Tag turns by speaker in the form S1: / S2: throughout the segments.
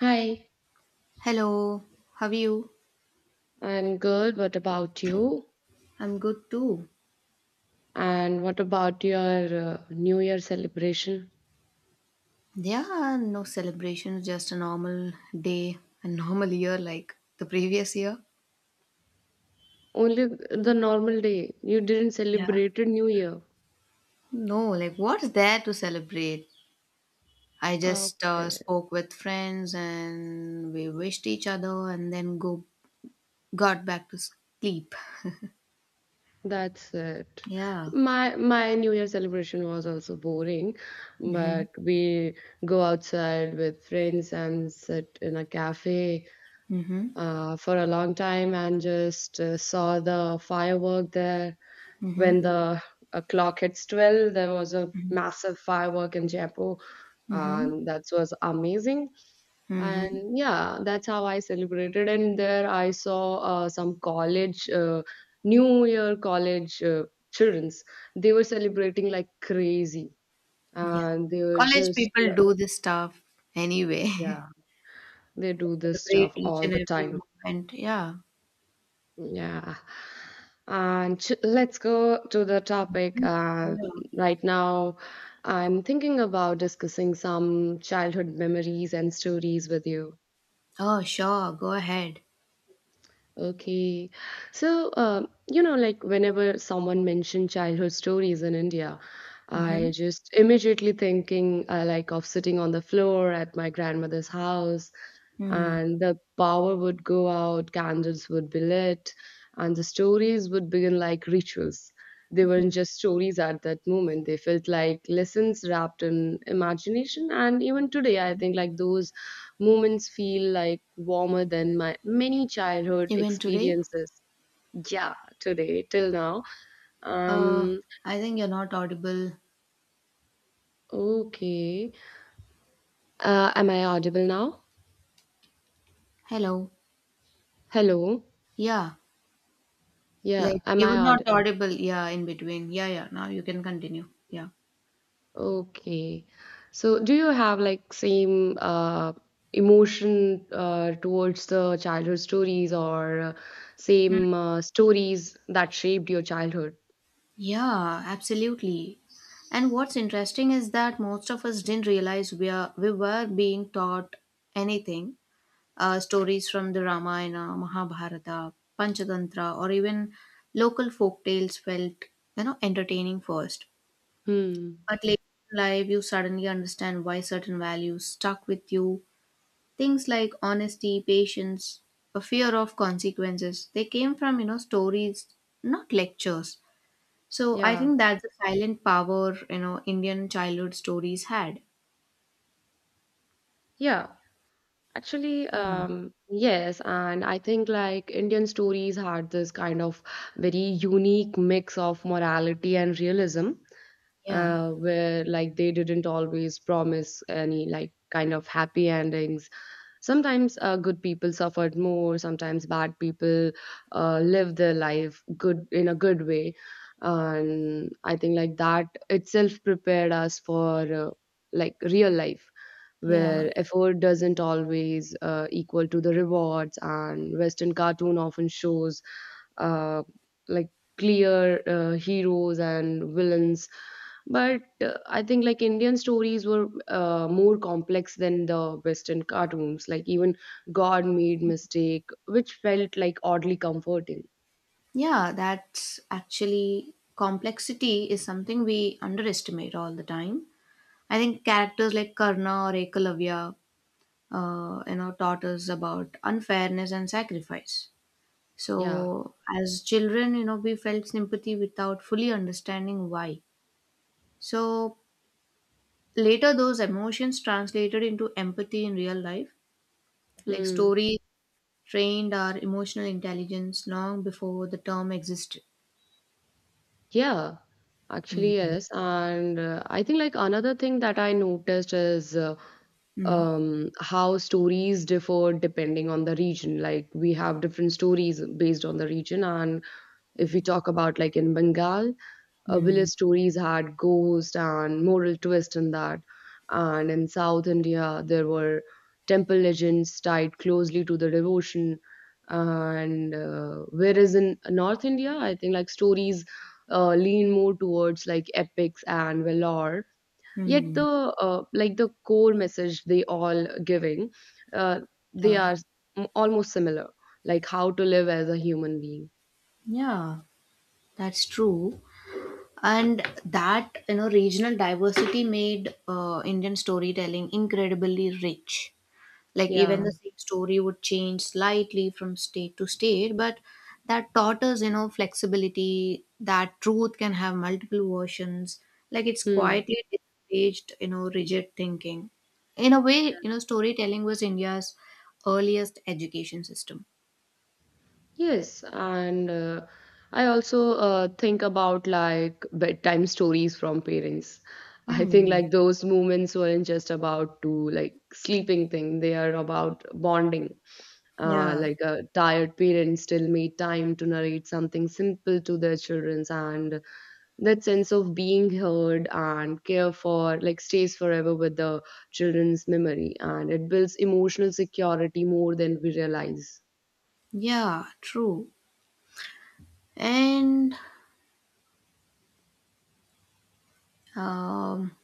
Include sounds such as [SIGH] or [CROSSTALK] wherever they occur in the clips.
S1: Hi,
S2: Hello, how are you?
S1: I'm good. What about you?
S2: I'm good too.
S1: And what about your New Year celebration?
S2: Yeah, no celebrations; just a normal day, a normal year like the previous year.
S1: Only the normal day. You didn't
S2: Yeah.
S1: celebrate a New Year.
S2: No, like what's there to celebrate? I just
S1: Okay,
S2: spoke with friends and we wished each other and then go got back to sleep.
S1: that's it.
S2: Yeah.
S1: My New Year celebration was also boring,
S2: Mhm.
S1: but we go outside with friends and sit in a cafe
S2: Mhm.
S1: for a long time and just saw the firework there
S2: Mhm.
S1: when the clock hits 12. There was a massive firework in Jaipur
S2: Mhm.
S1: and that was amazing.
S2: Mhm.
S1: And yeah, that's how I celebrated. And there I saw some college new year college children's. They were celebrating like crazy
S2: Yeah.
S1: and they were
S2: College
S1: just,
S2: people do this stuff anyway. [LAUGHS]
S1: yeah, they do this
S2: Celebrate
S1: stuff
S2: each
S1: all
S2: and
S1: the
S2: every
S1: time.
S2: moment. Yeah.
S1: Yeah. Let's go to the topic.
S2: Mm, yeah.
S1: Right now, I'm thinking about discussing some childhood memories and stories with you.
S2: Oh, sure. Go ahead.
S1: Okay. So, like whenever someone mentioned childhood stories in India,
S2: Mm-hmm.
S1: I just immediately thinking like of sitting on the floor at my grandmother's house,
S2: Mm.
S1: and the power would go out, candles would be lit, and the stories would begin like rituals. They weren't just stories at that moment. They felt like lessons wrapped in imagination. And even today, I think like those moments feel like warmer than my many childhood
S2: Even today?
S1: experiences. Yeah, today till now.
S2: Uh,
S1: Um,
S2: I think you're not audible.
S1: okay. Am I audible now?
S2: Hello.
S1: Hello.
S2: Yeah.
S1: Yeah,
S2: Like
S1: am
S2: you were
S1: I
S2: not
S1: odd?
S2: audible. Yeah, in between. Yeah, yeah. Now you can continue. Yeah.
S1: Okay. So, do you have like same emotion towards the childhood stories, or
S2: Mm.
S1: same stories that shaped your childhood?
S2: Yeah, absolutely. And what's interesting is that most of us didn't realize we were being taught anything, stories from the Ramayana, Mahabharata, Panchatantra, or even local folk tales felt, you know, entertaining first.
S1: Hmm.
S2: But later in life, you suddenly understand why certain values stuck with you. Things like honesty, patience, a fear of consequences, they came from, you know, stories, not lectures. So I
S1: Yeah.
S2: think that's the silent power, you know, Indian childhood stories had.
S1: Yeah. Actually,
S2: Hmm.
S1: yes, and I think like Indian stories had this kind of very unique mix of morality and realism,
S2: Yeah.
S1: where like they didn't always promise any like kind of happy endings. Sometimes good people suffered more, sometimes bad people lived their life good in a good way. And I think like that itself prepared us for like real life
S2: Yeah.
S1: where effort doesn't always equal to the rewards. And western cartoon often shows uh, like clear heroes and villains, but I think like Indian stories were more complex than the western cartoons. Like even god made mistake, which felt like oddly comforting.
S2: Yeah, that's actually complexity is something we underestimate all the time. I think characters like Karna or Ekalavya, you know, taught us about unfairness and sacrifice.
S1: Yeah.
S2: So as children, you know, we felt sympathy without fully understanding why. So later, those emotions translated into empathy in real life. Like
S1: Hmm.
S2: stories trained our emotional intelligence long before the term existed.
S1: Yeah, actually,
S2: Mm,
S1: yes. And I think like another thing that I noticed is
S2: hmm.
S1: how stories differ depending on the region. Like we have different stories based on the region. And if we talk about like in Bengal,
S2: Mm,
S1: village stories had ghost and moral twist in that. And in South India, there were temple legends tied closely to the devotion. And whereas in North India, I think like stories lean more towards like epics and valor. Yet
S2: mm.
S1: the like the core message they all giving, uh, they
S2: Yeah,
S1: are almost similar, like how to live as a human being.
S2: yeah, that's true. And that, you know, regional diversity made Indian storytelling incredibly rich. Like, even the
S1: Yeah.
S2: same story would change slightly from state to state, but that taught us, you know, flexibility, that truth can have multiple versions. Like, it's
S1: Hmm.
S2: quietly discouraged, you know, rigid thinking. In a way, you know, storytelling was India's earliest education system.
S1: Yes, and I also think about like bedtime stories from parents. I think
S2: Hmm.
S1: like those moments weren't just about to like sleeping thing, they are about bonding.
S2: Yeah.
S1: Like a tired parent still made time to narrate something simple to their children, and that sense of being heard and care for like stays forever with the children's memory, and it builds emotional security more than we realize.
S2: Yeah, true. And um,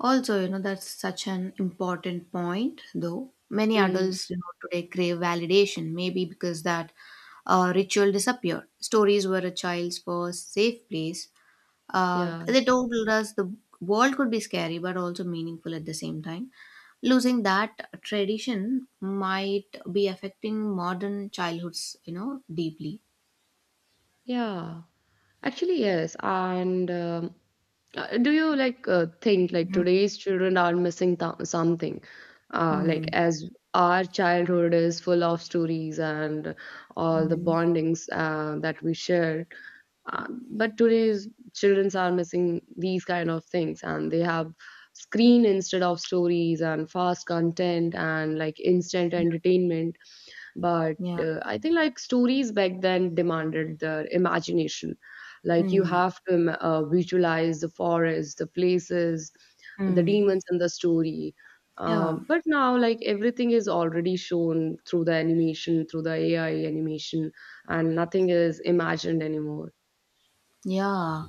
S2: also, you know, that's such an important point, though. Many
S1: Mm,
S2: adults, you know, today crave validation, maybe because that ritual disappeared. Stories were a child's first safe place.
S1: yeah.
S2: They told us the world could be scary, but also meaningful at the same time. Losing that tradition might be affecting modern childhoods, you know, deeply.
S1: Yeah, actually, yes. And do you like think like
S2: Mhm.
S1: today's children are missing th something? Like
S2: Mm.
S1: as our childhood is full of stories and all the
S2: Mm.
S1: bondings that we shared, but today's children are missing these kind of things, and they have screen instead of stories and fast content and like instant entertainment. But
S2: Yeah.
S1: I think like stories back then demanded the imagination. Like you
S2: Mm.
S1: have to visualize the forest, the places, the
S2: Mm.
S1: demons in the story.
S2: Yeah.
S1: But now like everything is already shown through the animation, through the AI animation, and nothing is imagined anymore.
S2: Yeah,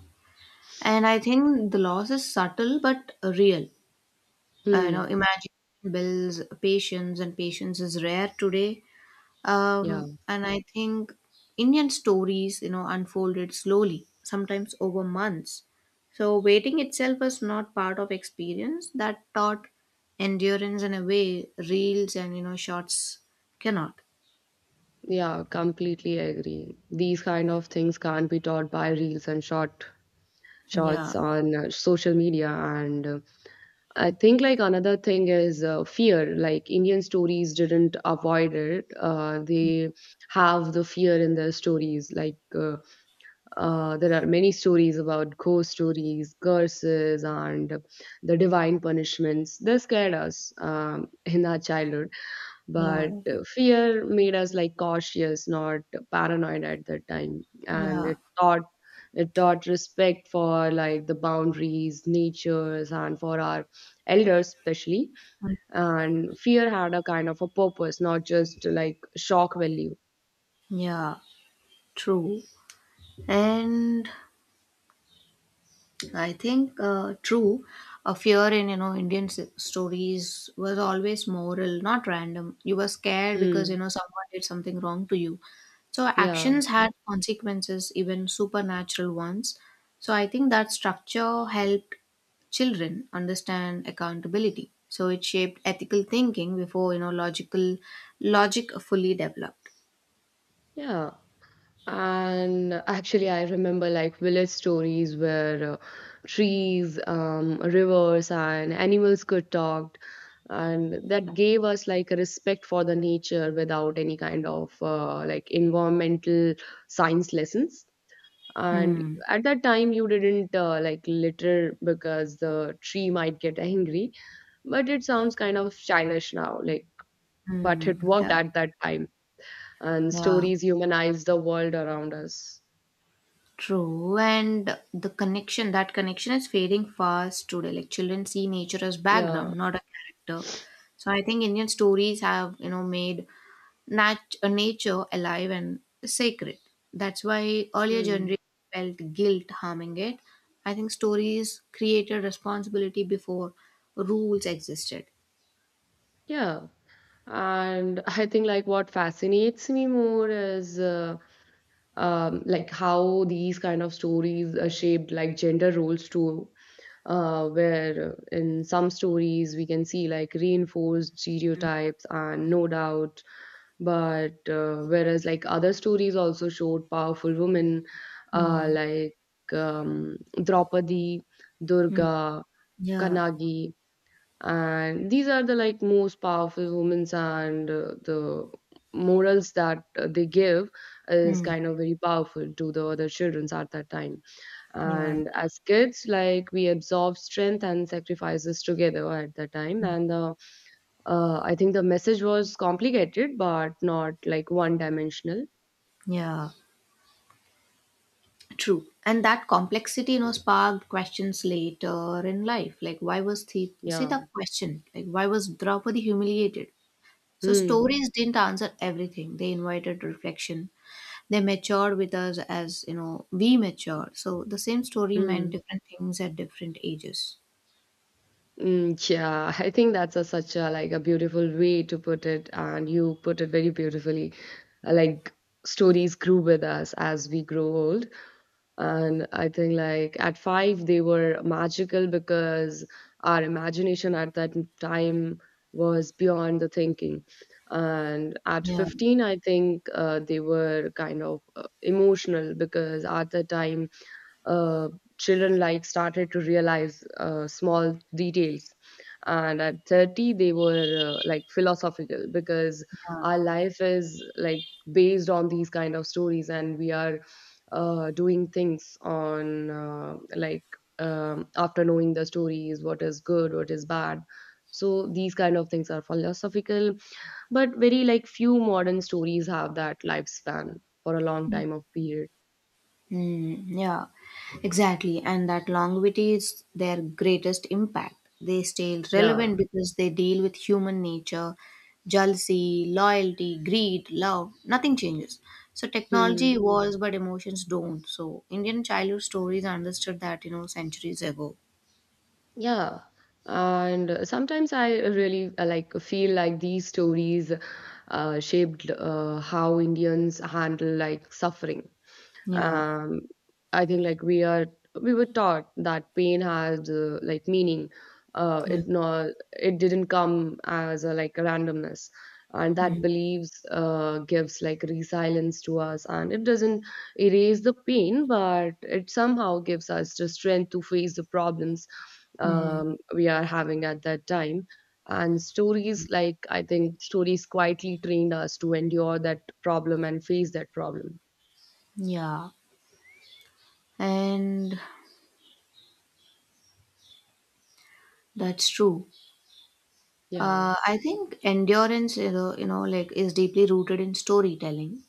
S2: and I think the loss is subtle but real. You know,
S1: Hmm.
S2: imagine bills, patience, and patience is rare today.
S1: Yeah.
S2: And I think Indian stories, you know, unfolded slowly, sometimes over months. So waiting itself was not part of experience that taught endurance in a way reels and you know shots cannot.
S1: Yeah, completely agree, these kind of things can't be taught by reels and short shots
S2: Yeah,
S1: on social media. And I think like another thing is fear. Like Indian stories didn't avoid it. They have the fear in their stories. There are many stories about ghost stories, curses, and the divine punishments. They scared us in our childhood,
S2: yeah,
S1: but fear made us like cautious, not paranoid at that time. And
S2: yeah,
S1: it taught respect for like the boundaries, natures, and for our elders especially. And fear had a kind of a purpose, not just like shock value.
S2: yeah. True. And I think true. a fear in you know Indian stories was always moral, not random. You were scared because you
S1: Mm.
S2: know someone did something wrong to you. So
S1: Yeah.
S2: actions had consequences, even supernatural ones. So I think that structure helped children understand accountability. So it shaped ethical thinking before you know logic fully developed.
S1: Yeah. And actually, I remember like village stories where trees, rivers, and animals could talk, and that gave us like a respect for the nature without any kind of like environmental science lessons. And
S2: Hmm.
S1: at that time, you didn't like litter because the tree might get angry, but it sounds kind of childish now. Like, but it
S2: Hmm.
S1: worked
S2: Yeah.
S1: at that time, and
S2: Yeah.
S1: stories humanize the world around us.
S2: True, and the connection, that connection is fading fast today. Like children see nature as
S1: Yeah.
S2: background, not a character. So I think Indian stories have, you know, made nature alive and sacred. That's why earlier
S1: Mm.
S2: generations felt guilt harming it. I think stories created responsibility before rules existed.
S1: Yeah. And I think like what fascinates me more is like how these kind of stories are shaped like gender roles too. Where in some stories we can see like reinforced stereotypes, and no doubt, but whereas like other stories also showed powerful women, uh,
S2: Hmm.
S1: like um, Draupadi,
S2: Hmm.
S1: Durga,
S2: Yeah.
S1: Kanagi, and these are the like most powerful women's. And the morals that they give is
S2: Hmm.
S1: kind of very powerful to the other childrens at that time.
S2: Yeah.
S1: And as kids, like we absorb strength and sacrifices together at that time. And the I think the message was complicated but not like one dimensional.
S2: Yeah. True. And that complexity, you know, sparked questions later in life. Like, why was the
S1: Yeah.
S2: Sita questioned? Like, why was Draupadi humiliated? So,
S1: Hmm.
S2: stories didn't answer everything. They invited reflection. They matured with us as, you know, we matured. So, the same story meant
S1: Hmm.
S2: different things at different ages.
S1: Mm, yeah, I think that's a, such a like a beautiful way to put it, and you put it very beautifully. Like stories grew with us as we grow old, and I think like at five they were magical because our imagination at that time was beyond the thinking. And at
S2: Yeah.
S1: 15, I think they were kind of emotional because at the time uh, children like started to realize small details. And at 30 they were like philosophical because
S2: Yeah.
S1: our life is like based on these kind of stories, and we are doing things on after knowing the stories what is good what is bad. So these kind of things are philosophical, but very like few modern stories have that lifespan for a long time of period.
S2: Mm, yeah, exactly. And that longevity is their greatest impact. They stay relevant
S1: Yeah.
S2: because they deal with human nature, jealousy, loyalty, greed, love. Nothing changes. So technology
S1: Hmm.
S2: evolves, but emotions don't. So Indian childhood stories understood that, you know, centuries ago.
S1: Yeah. And sometimes I really like feel like these stories shaped how Indians handle like suffering.
S2: Yeah.
S1: um I think like we were taught that pain has like meaning. uh
S2: Yeah.
S1: it not it didn't come as a like a randomness, and that
S2: Mm,
S1: believes gives like resilience to us, and it doesn't erase the pain but it somehow gives us the strength to face the problems
S2: mm-hmm.
S1: we are having at that time. And stories, like I think stories quietly trained us to endure that problem and face that problem.
S2: Yeah. And that's true.
S1: Yeah.
S2: I think endurance, you know, like is deeply rooted in storytelling.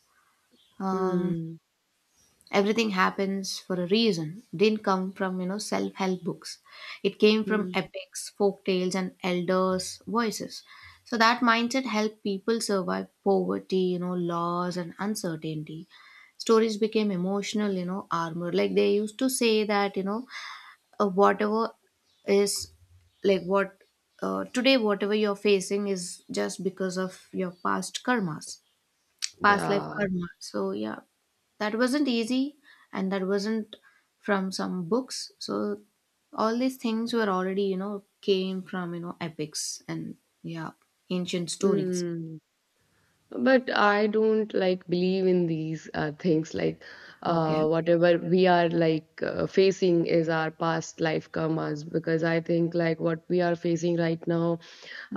S2: Um,
S1: Mm,
S2: Everything happens for a reason. It didn't come from you know self-help books. It came from
S1: mm,
S2: epics, folk tales, and elders' voices. So that mindset helped people survive poverty, you know, loss and uncertainty. Stories became emotional, you know, armor. Like they used to say that you know whatever is like what today whatever you're facing is just because of your past life
S1: yeah,
S2: karma. So yeah, that wasn't easy and that wasn't from some books. So all these things were already, you know, came from, you know, epics and yeah, ancient stories.
S1: mm. But I don't like believe in these things like
S2: Okay.
S1: whatever we are like facing is our past life karmas, because I think like what we are facing right now,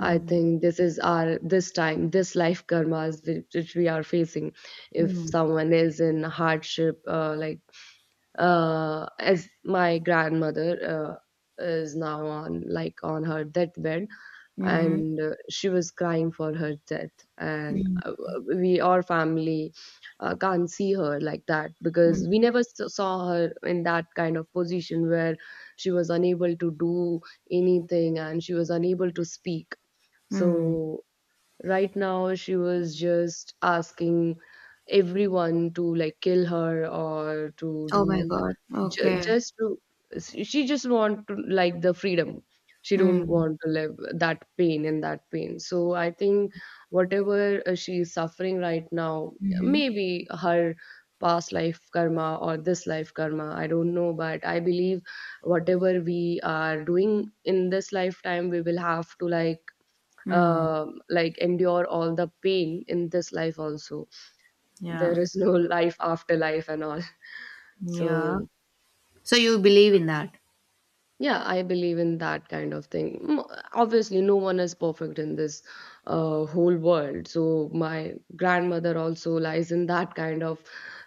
S1: I think this is our this time this life karmas which we are facing. If
S2: Mm.
S1: someone is in hardship, as my grandmother is now on like on her deathbed,
S2: Mm-hmm.
S1: and she was crying for her death, and
S2: Mm.
S1: we our family can't see her like that
S2: Mm.
S1: because we never saw her in that kind of position where she was unable to do anything, and she was unable to speak.
S2: Mm.
S1: So right now, she was just asking everyone to like kill her or to
S2: Oh my
S1: do
S2: God. Okay.
S1: just to, she just want to like the freedom. She don't
S2: Mm.
S1: want to live that pain and that pain. So I think whatever she is suffering right now,
S2: Mm-hmm.
S1: maybe her past life karma or this life karma, I don't know, but I believe whatever we are doing in this lifetime, we will have to
S2: Mm.
S1: like endure all the pain in this life also.
S2: Yeah.
S1: There is no [LAUGHS] life after life and all.
S2: Yeah.
S1: So
S2: So you believe in that?
S1: yeah, I believe in that kind of thing. Mm, obviously no one is perfect in this whole world, so my grandmother also lies in that kind of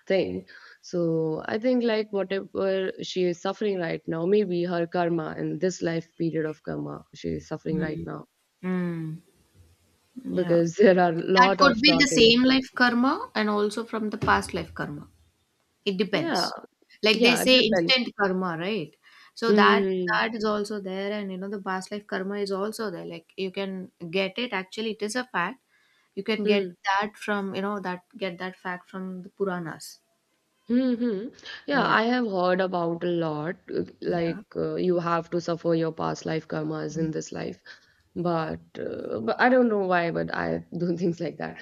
S1: thing. So I think like whatever she is suffering right now, maybe her karma in this life period of karma she is suffering right
S2: Mm.
S1: now,
S2: Mm. Yeah.
S1: because [LAUGHS] there are a
S2: That
S1: lot
S2: could
S1: of
S2: be the
S1: talking.
S2: same life karma and also from the past life karma. It
S1: Yeah.
S2: depends. Like they
S1: Yeah, it
S2: say
S1: depends.
S2: instant karma, right? So
S1: Mhm.
S2: that is also there and you know the past life karma is also there. Like you can get it actually it is a fact. You can get that from you know that get that fact from the Puranas.
S1: Mm, mhm. Yeah,
S2: Yeah.
S1: I have heard about a lot.
S2: Yeah.
S1: Like you have to suffer your past life karmas in this life, but I don't know why, but I do [LAUGHS] things like that.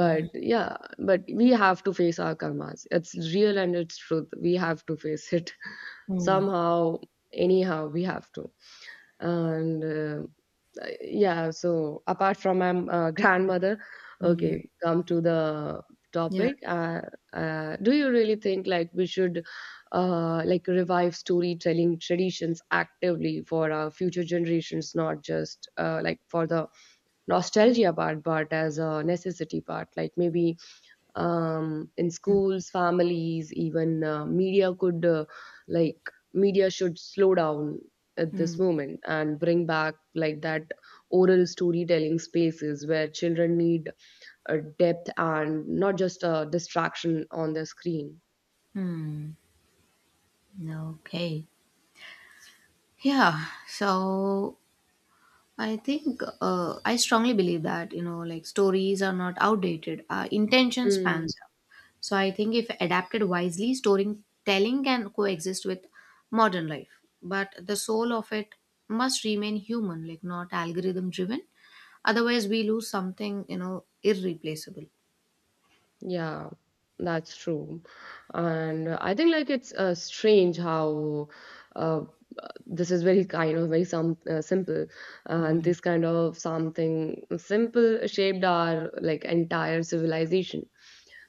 S1: But yeah, but we have to face our karmas. It's real and it's truth. We have to face it [LAUGHS]
S2: Mm.
S1: somehow, anyhow. We have to. And yeah, so apart from my grandmother,
S2: Mm.
S1: okay, come to the
S2: Yeah.
S1: topic. Do you really think like we should like revive storytelling traditions actively for our future generations, not just like for the nostalgia part, but as a necessity part? Like maybe in
S2: Mm.
S1: schools families even media could like media should slow down at this
S2: Mm.
S1: moment and bring back like that oral storytelling spaces where children need a depth and not just a distraction on the screen
S2: Mm. Okay. Yeah. So I think I strongly believe that you know, like stories are not outdated. Our intention
S1: mm.
S2: spans up. So I think if adapted wisely, storytelling can coexist with modern life. But the soul of it must remain human, like not algorithm driven. Otherwise, we lose something you know irreplaceable.
S1: Yeah, that's true. And I think like it's strange how uh, this is very kind of very some simple and
S2: Mm,
S1: this kind of something simple shaped our like entire civilization.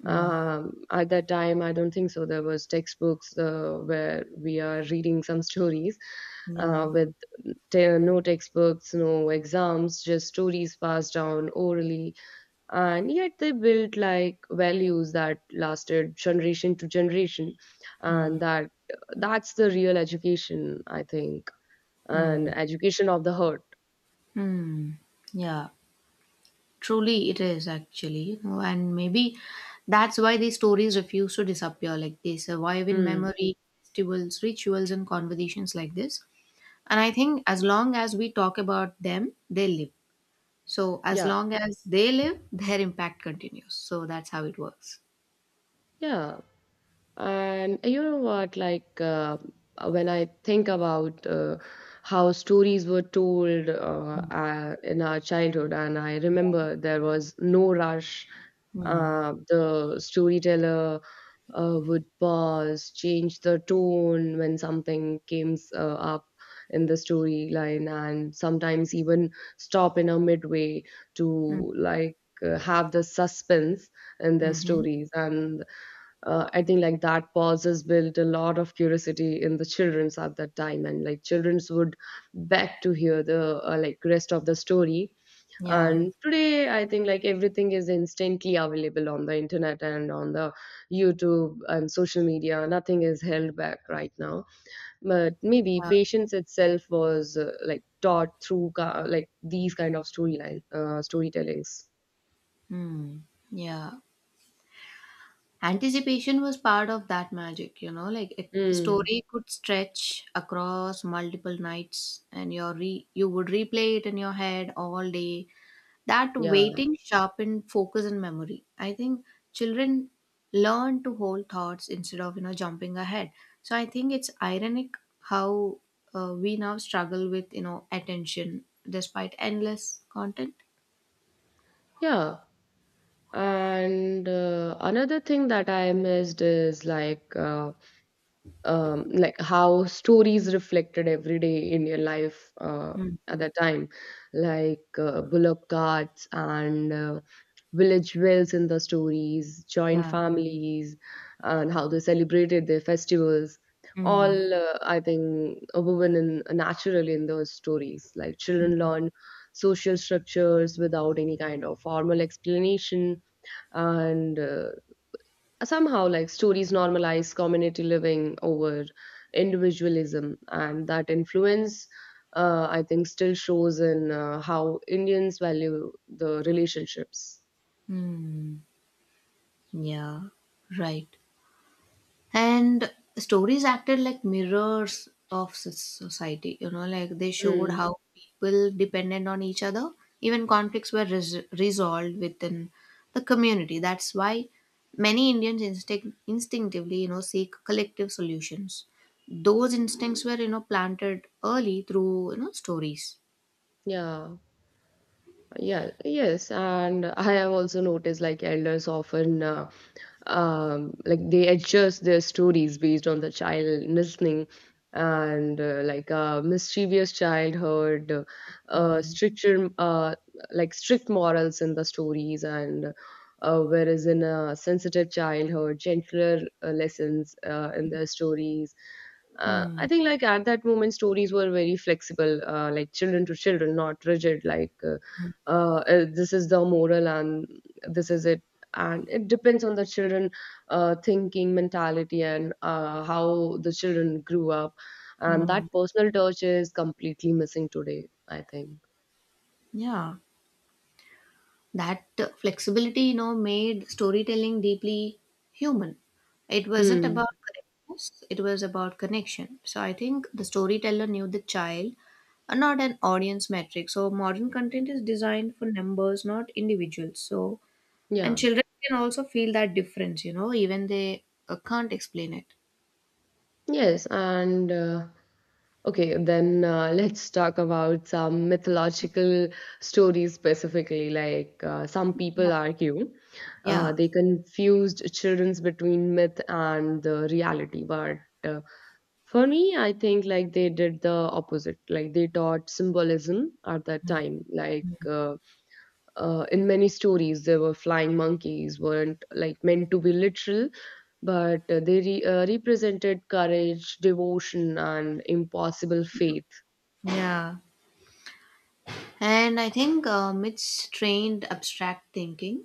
S2: mm.
S1: At that time, I don't think so. There was textbooks where we are reading some stories
S2: Yeah.
S1: with no textbooks, no exams, just stories passed down orally, and yet they built like values that lasted generation to generation, and
S2: Mm,
S1: that's the real education, I think, and
S2: mm,
S1: education of the heart.
S2: mm. Yeah. Truly, it is actually, you know, and maybe that's why these stories refuse to disappear. Like they survive in
S1: Mm.
S2: memory, festivals, rituals, and conversations like this. And I think as long as we talk about them, they live. So as
S1: Yeah,
S2: long as they live, [LAUGHS] their impact continues. So that's how it works.
S1: yeah. And you know what? When I think about how stories were told in our childhood, and I remember there was no rush.
S2: Hmm.
S1: The storyteller would pause, change the tone when something came up in the storyline, and sometimes even stop in a midway to
S2: Hmm.
S1: like have the suspense in their
S2: Mm-hmm.
S1: stories. And I think like that pause has built a lot of curiosity in the children's at that time, and like children's would beg to hear the like rest of the story.
S2: Yeah.
S1: And today I think like everything is instantly available on the internet and on the YouTube and social media. Nothing is held back right now, but maybe
S2: Uh,
S1: patience itself was like taught through like these kind of storyline storytellings.
S2: mm. Yeah. Anticipation was part of that magic, you know, like a
S1: Mm.
S2: story could stretch across multiple nights and your you would replay it in your head all day. That
S1: Yeah,
S2: waiting sharpened focus and memory. I think children learn to hold thoughts instead of, you know, jumping ahead. So I think it's ironic how we now struggle with, you know, attention despite endless content.
S1: yeah. And another thing that I missed is like how stories reflected everyday Indian life
S2: Mm.
S1: at that time, like bullock carts and village wells in the stories, joint
S2: Yeah.
S1: families, and how they celebrated their festivals.
S2: Mm.
S1: All I think woven in naturally in those stories. Like children learn social structures without any kind of formal explanation, and somehow like stories normalize community living over individualism, and that influence I think still shows in how Indians value the relationships.
S2: Mm. Yeah. Right. And stories acted like mirrors of society, you know, like they showed
S1: Mm,
S2: how people dependent on each other, even conflicts were resolved within the community. That's why many Indians instinctively, you know, seek collective solutions. Those instincts were, you know, planted early through, you know, stories.
S1: yeah. Yeah, yes, and I have also noticed like elders often like they adjust their stories based on the child listening, and like a mischievous childhood,
S2: Hmm.
S1: stricter like strict morals in the stories, and whereas in a sensitive childhood, gentler lessons in their stories.
S2: Hmm.
S1: I think like at that moment, stories were very flexible, like children to children, not rigid like. This is the moral, and this is it, and it depends on the children thinking mentality and how the children grew up, and that
S2: Hmm.
S1: personal touch is completely missing today, I think.
S2: Yeah. That flexibility, you know, made storytelling deeply human. It wasn't
S1: Hmm.
S2: about correctness, it was about connection. So I think the storyteller knew the child, and not an audience metric. So modern content is designed for numbers, not individuals. So and
S1: Yeah.
S2: children can also feel that difference, you know, even they can't explain it.
S1: Yes. And okay, then [LAUGHS] let's talk about some mythological stories specifically. Like some
S2: Yeah.
S1: people argue
S2: Yeah.
S1: they confused children's between myth and the reality, but uh, for me, I think like they did the opposite. Like they taught symbolism at that
S2: Mm.
S1: time. In many stories, there were flying monkeys weren't like meant to be literal, but they represented courage, devotion, and impossible faith.
S2: Yeah. And I think myths trained abstract thinking.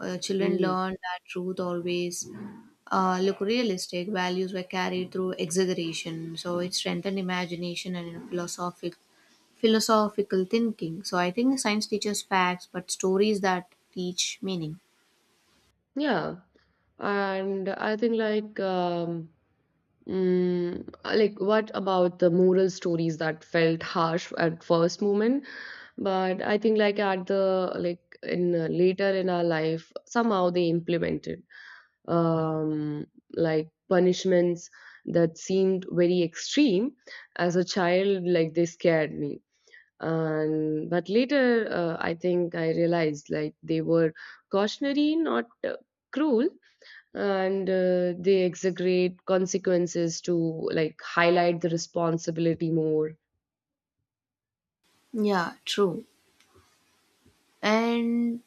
S2: Children
S1: Mm.
S2: learned that truth always look realistic. Values were carried through exaggeration, so it strengthened imagination and you know, philosophical thinking. So I think science teaches facts, but stories that teach meaning.
S1: Yeah, and I think like mm, like what about the moral stories that felt harsh at first moment, but I think like at the like in later in our life somehow they implemented um like punishments that seemed very extreme as a child. Like they scared me, and but later I think I realized like they were cautionary, not cruel, and they exaggerate consequences to like highlight the responsibility more.
S2: Yeah, true. And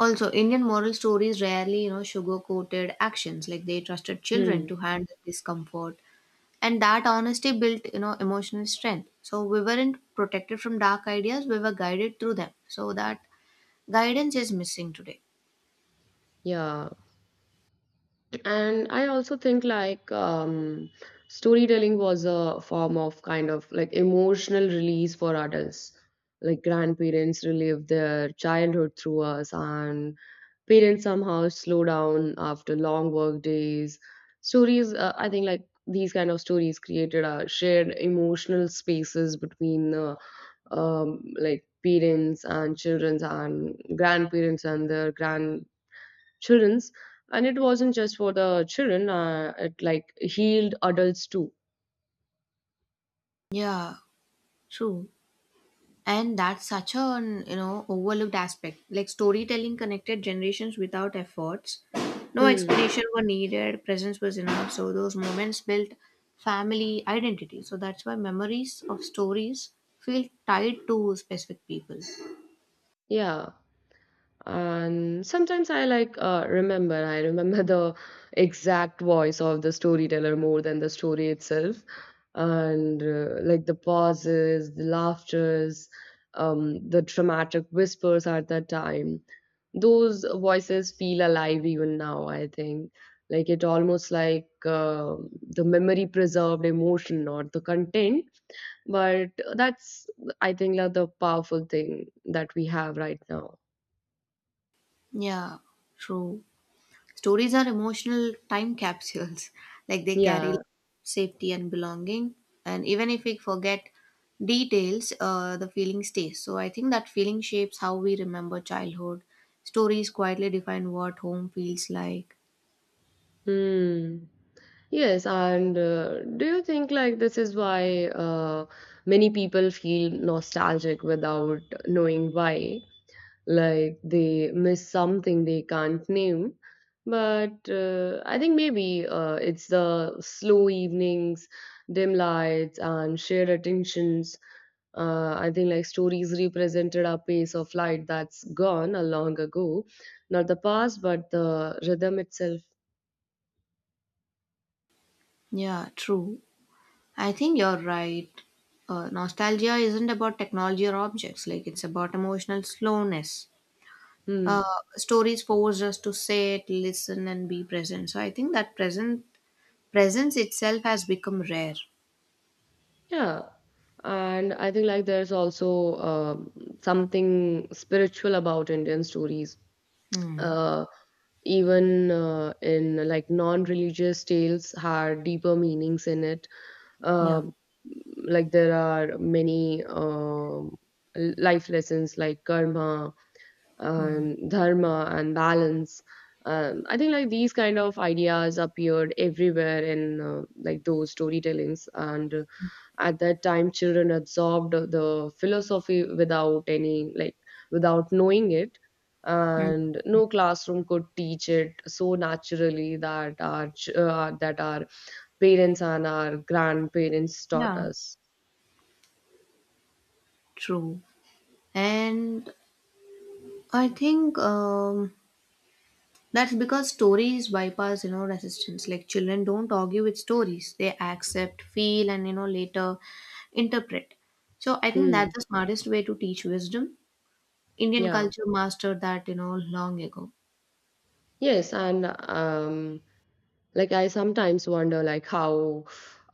S2: also, Indian moral stories rarely, you know, sugar-coated actions. Like they trusted children
S1: Hmm.
S2: to handle discomfort and that honesty built you know emotional strength, so we weren't protected from dark ideas, we were guided through them. So that guidance is missing today.
S1: Yeah, and I also think like storytelling was a form of kind of like emotional release for adults. Like grandparents relive their childhood through us, and parents somehow slow down after long work days. Stories I think like these kind of stories created a shared emotional spaces between like parents and children and grandparents and their grandchildrens, and it wasn't just for the children. It like healed adults too.
S2: Yeah, true. And that's such an you know overlooked aspect, like storytelling connected generations without efforts, no
S1: Hmm.
S2: explanation were needed, presence was enough. So those moments built family identity, so that's why memories of stories feel tied to specific people.
S1: Yeah, and sometimes I like remember the exact voice of the storyteller more than the story itself. And like the pauses, the laughters, the dramatic whispers at that time, those voices feel alive even now, I think. Like it almost like the memory preserved emotion, not the content, but that's I think like the powerful thing that we have right now.
S2: Yeah, true. Stories are emotional time capsules, [LAUGHS] like they carry
S1: Yeah.
S2: safety and belonging. And even if we forget details, the feeling stays. So I think that feeling shapes how we remember childhood. Stories quietly define what home feels like.
S1: Hmm. Yes, and do you think like this is why many people feel nostalgic without knowing why? Like they miss something they can't name. But I think maybe it's the slow evenings, dim lights, and shared attentions. I think like stories represented a pace of light that's gone a long ago, not the past, but the rhythm itself.
S2: Yeah, true. I think you're right. Nostalgia isn't about technology or objects, like it's about emotional slowness.
S1: Hmm.
S2: Uh, stories force us to sit, listen, and be present. So I think that present presence itself has become rare.
S1: Yeah, and I think like there's also something spiritual about Indian stories.
S2: Hmm.
S1: Uh, even in like non-religious tales had deeper meanings in it.
S2: Yeah.
S1: Uh, like there are many life lessons like karma and dharma and balance. I think like these kind of ideas appeared everywhere in like those storytellings, and at that time, children absorbed the philosophy without any, like, without knowing it,
S2: Hmm.
S1: and no classroom could teach it so naturally that our that our parents and our grandparents taught
S2: Yeah.
S1: us.
S2: True. And I think that's because stories bypass, you know, resistance. Like children don't argue with stories; they accept, feel, and you know, later interpret. So I think
S1: Hmm.
S2: that's the smartest way to teach wisdom. Indian
S1: Yeah.
S2: culture mastered that, you know, long ago.
S1: Yes, and like I sometimes wonder like how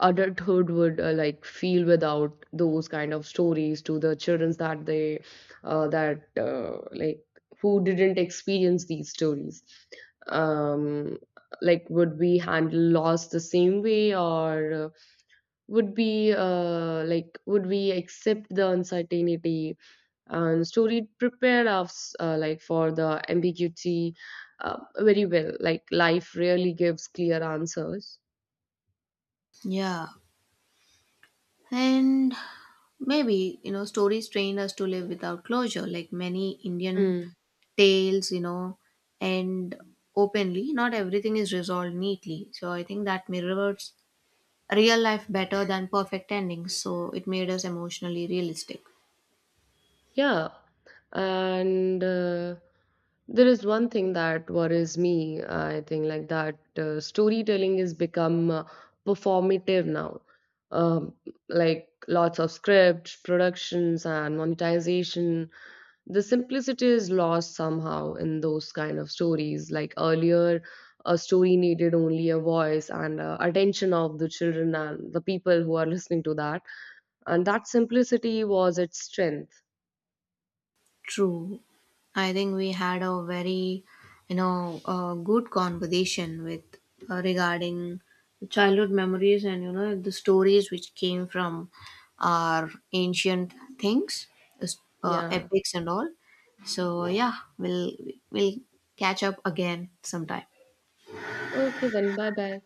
S1: adulthood would like feel without those kind of stories to the children that they that like who didn't experience these stories, um like would we handle loss the same way, or would we like would we accept the uncertainty, and story prepared us like for the ambiguity very well, like life rarely gives clear answers.
S2: Yeah. And maybe, you know, stories train us to live without closure. Like many Indian tales, you know, and openly, not everything is resolved neatly. So I think that mirrors real life better than perfect endings. So it made us emotionally realistic.
S1: Yeah, and there is one thing that worries me. I think like that storytelling has become performative now. Um, like lots of scripts, productions, and monetization. The simplicity is lost somehow in those kind of stories. Like earlier, a story needed only a voice and attention of the children and the people who are listening to that, and that simplicity was its strength.
S2: True. I think we had a very, you know, good conversation with regarding childhood memories and you know the stories which came from our ancient things,
S1: Yeah.
S2: epics and all. So yeah, we'll catch up again sometime.
S1: Okay then, bye bye.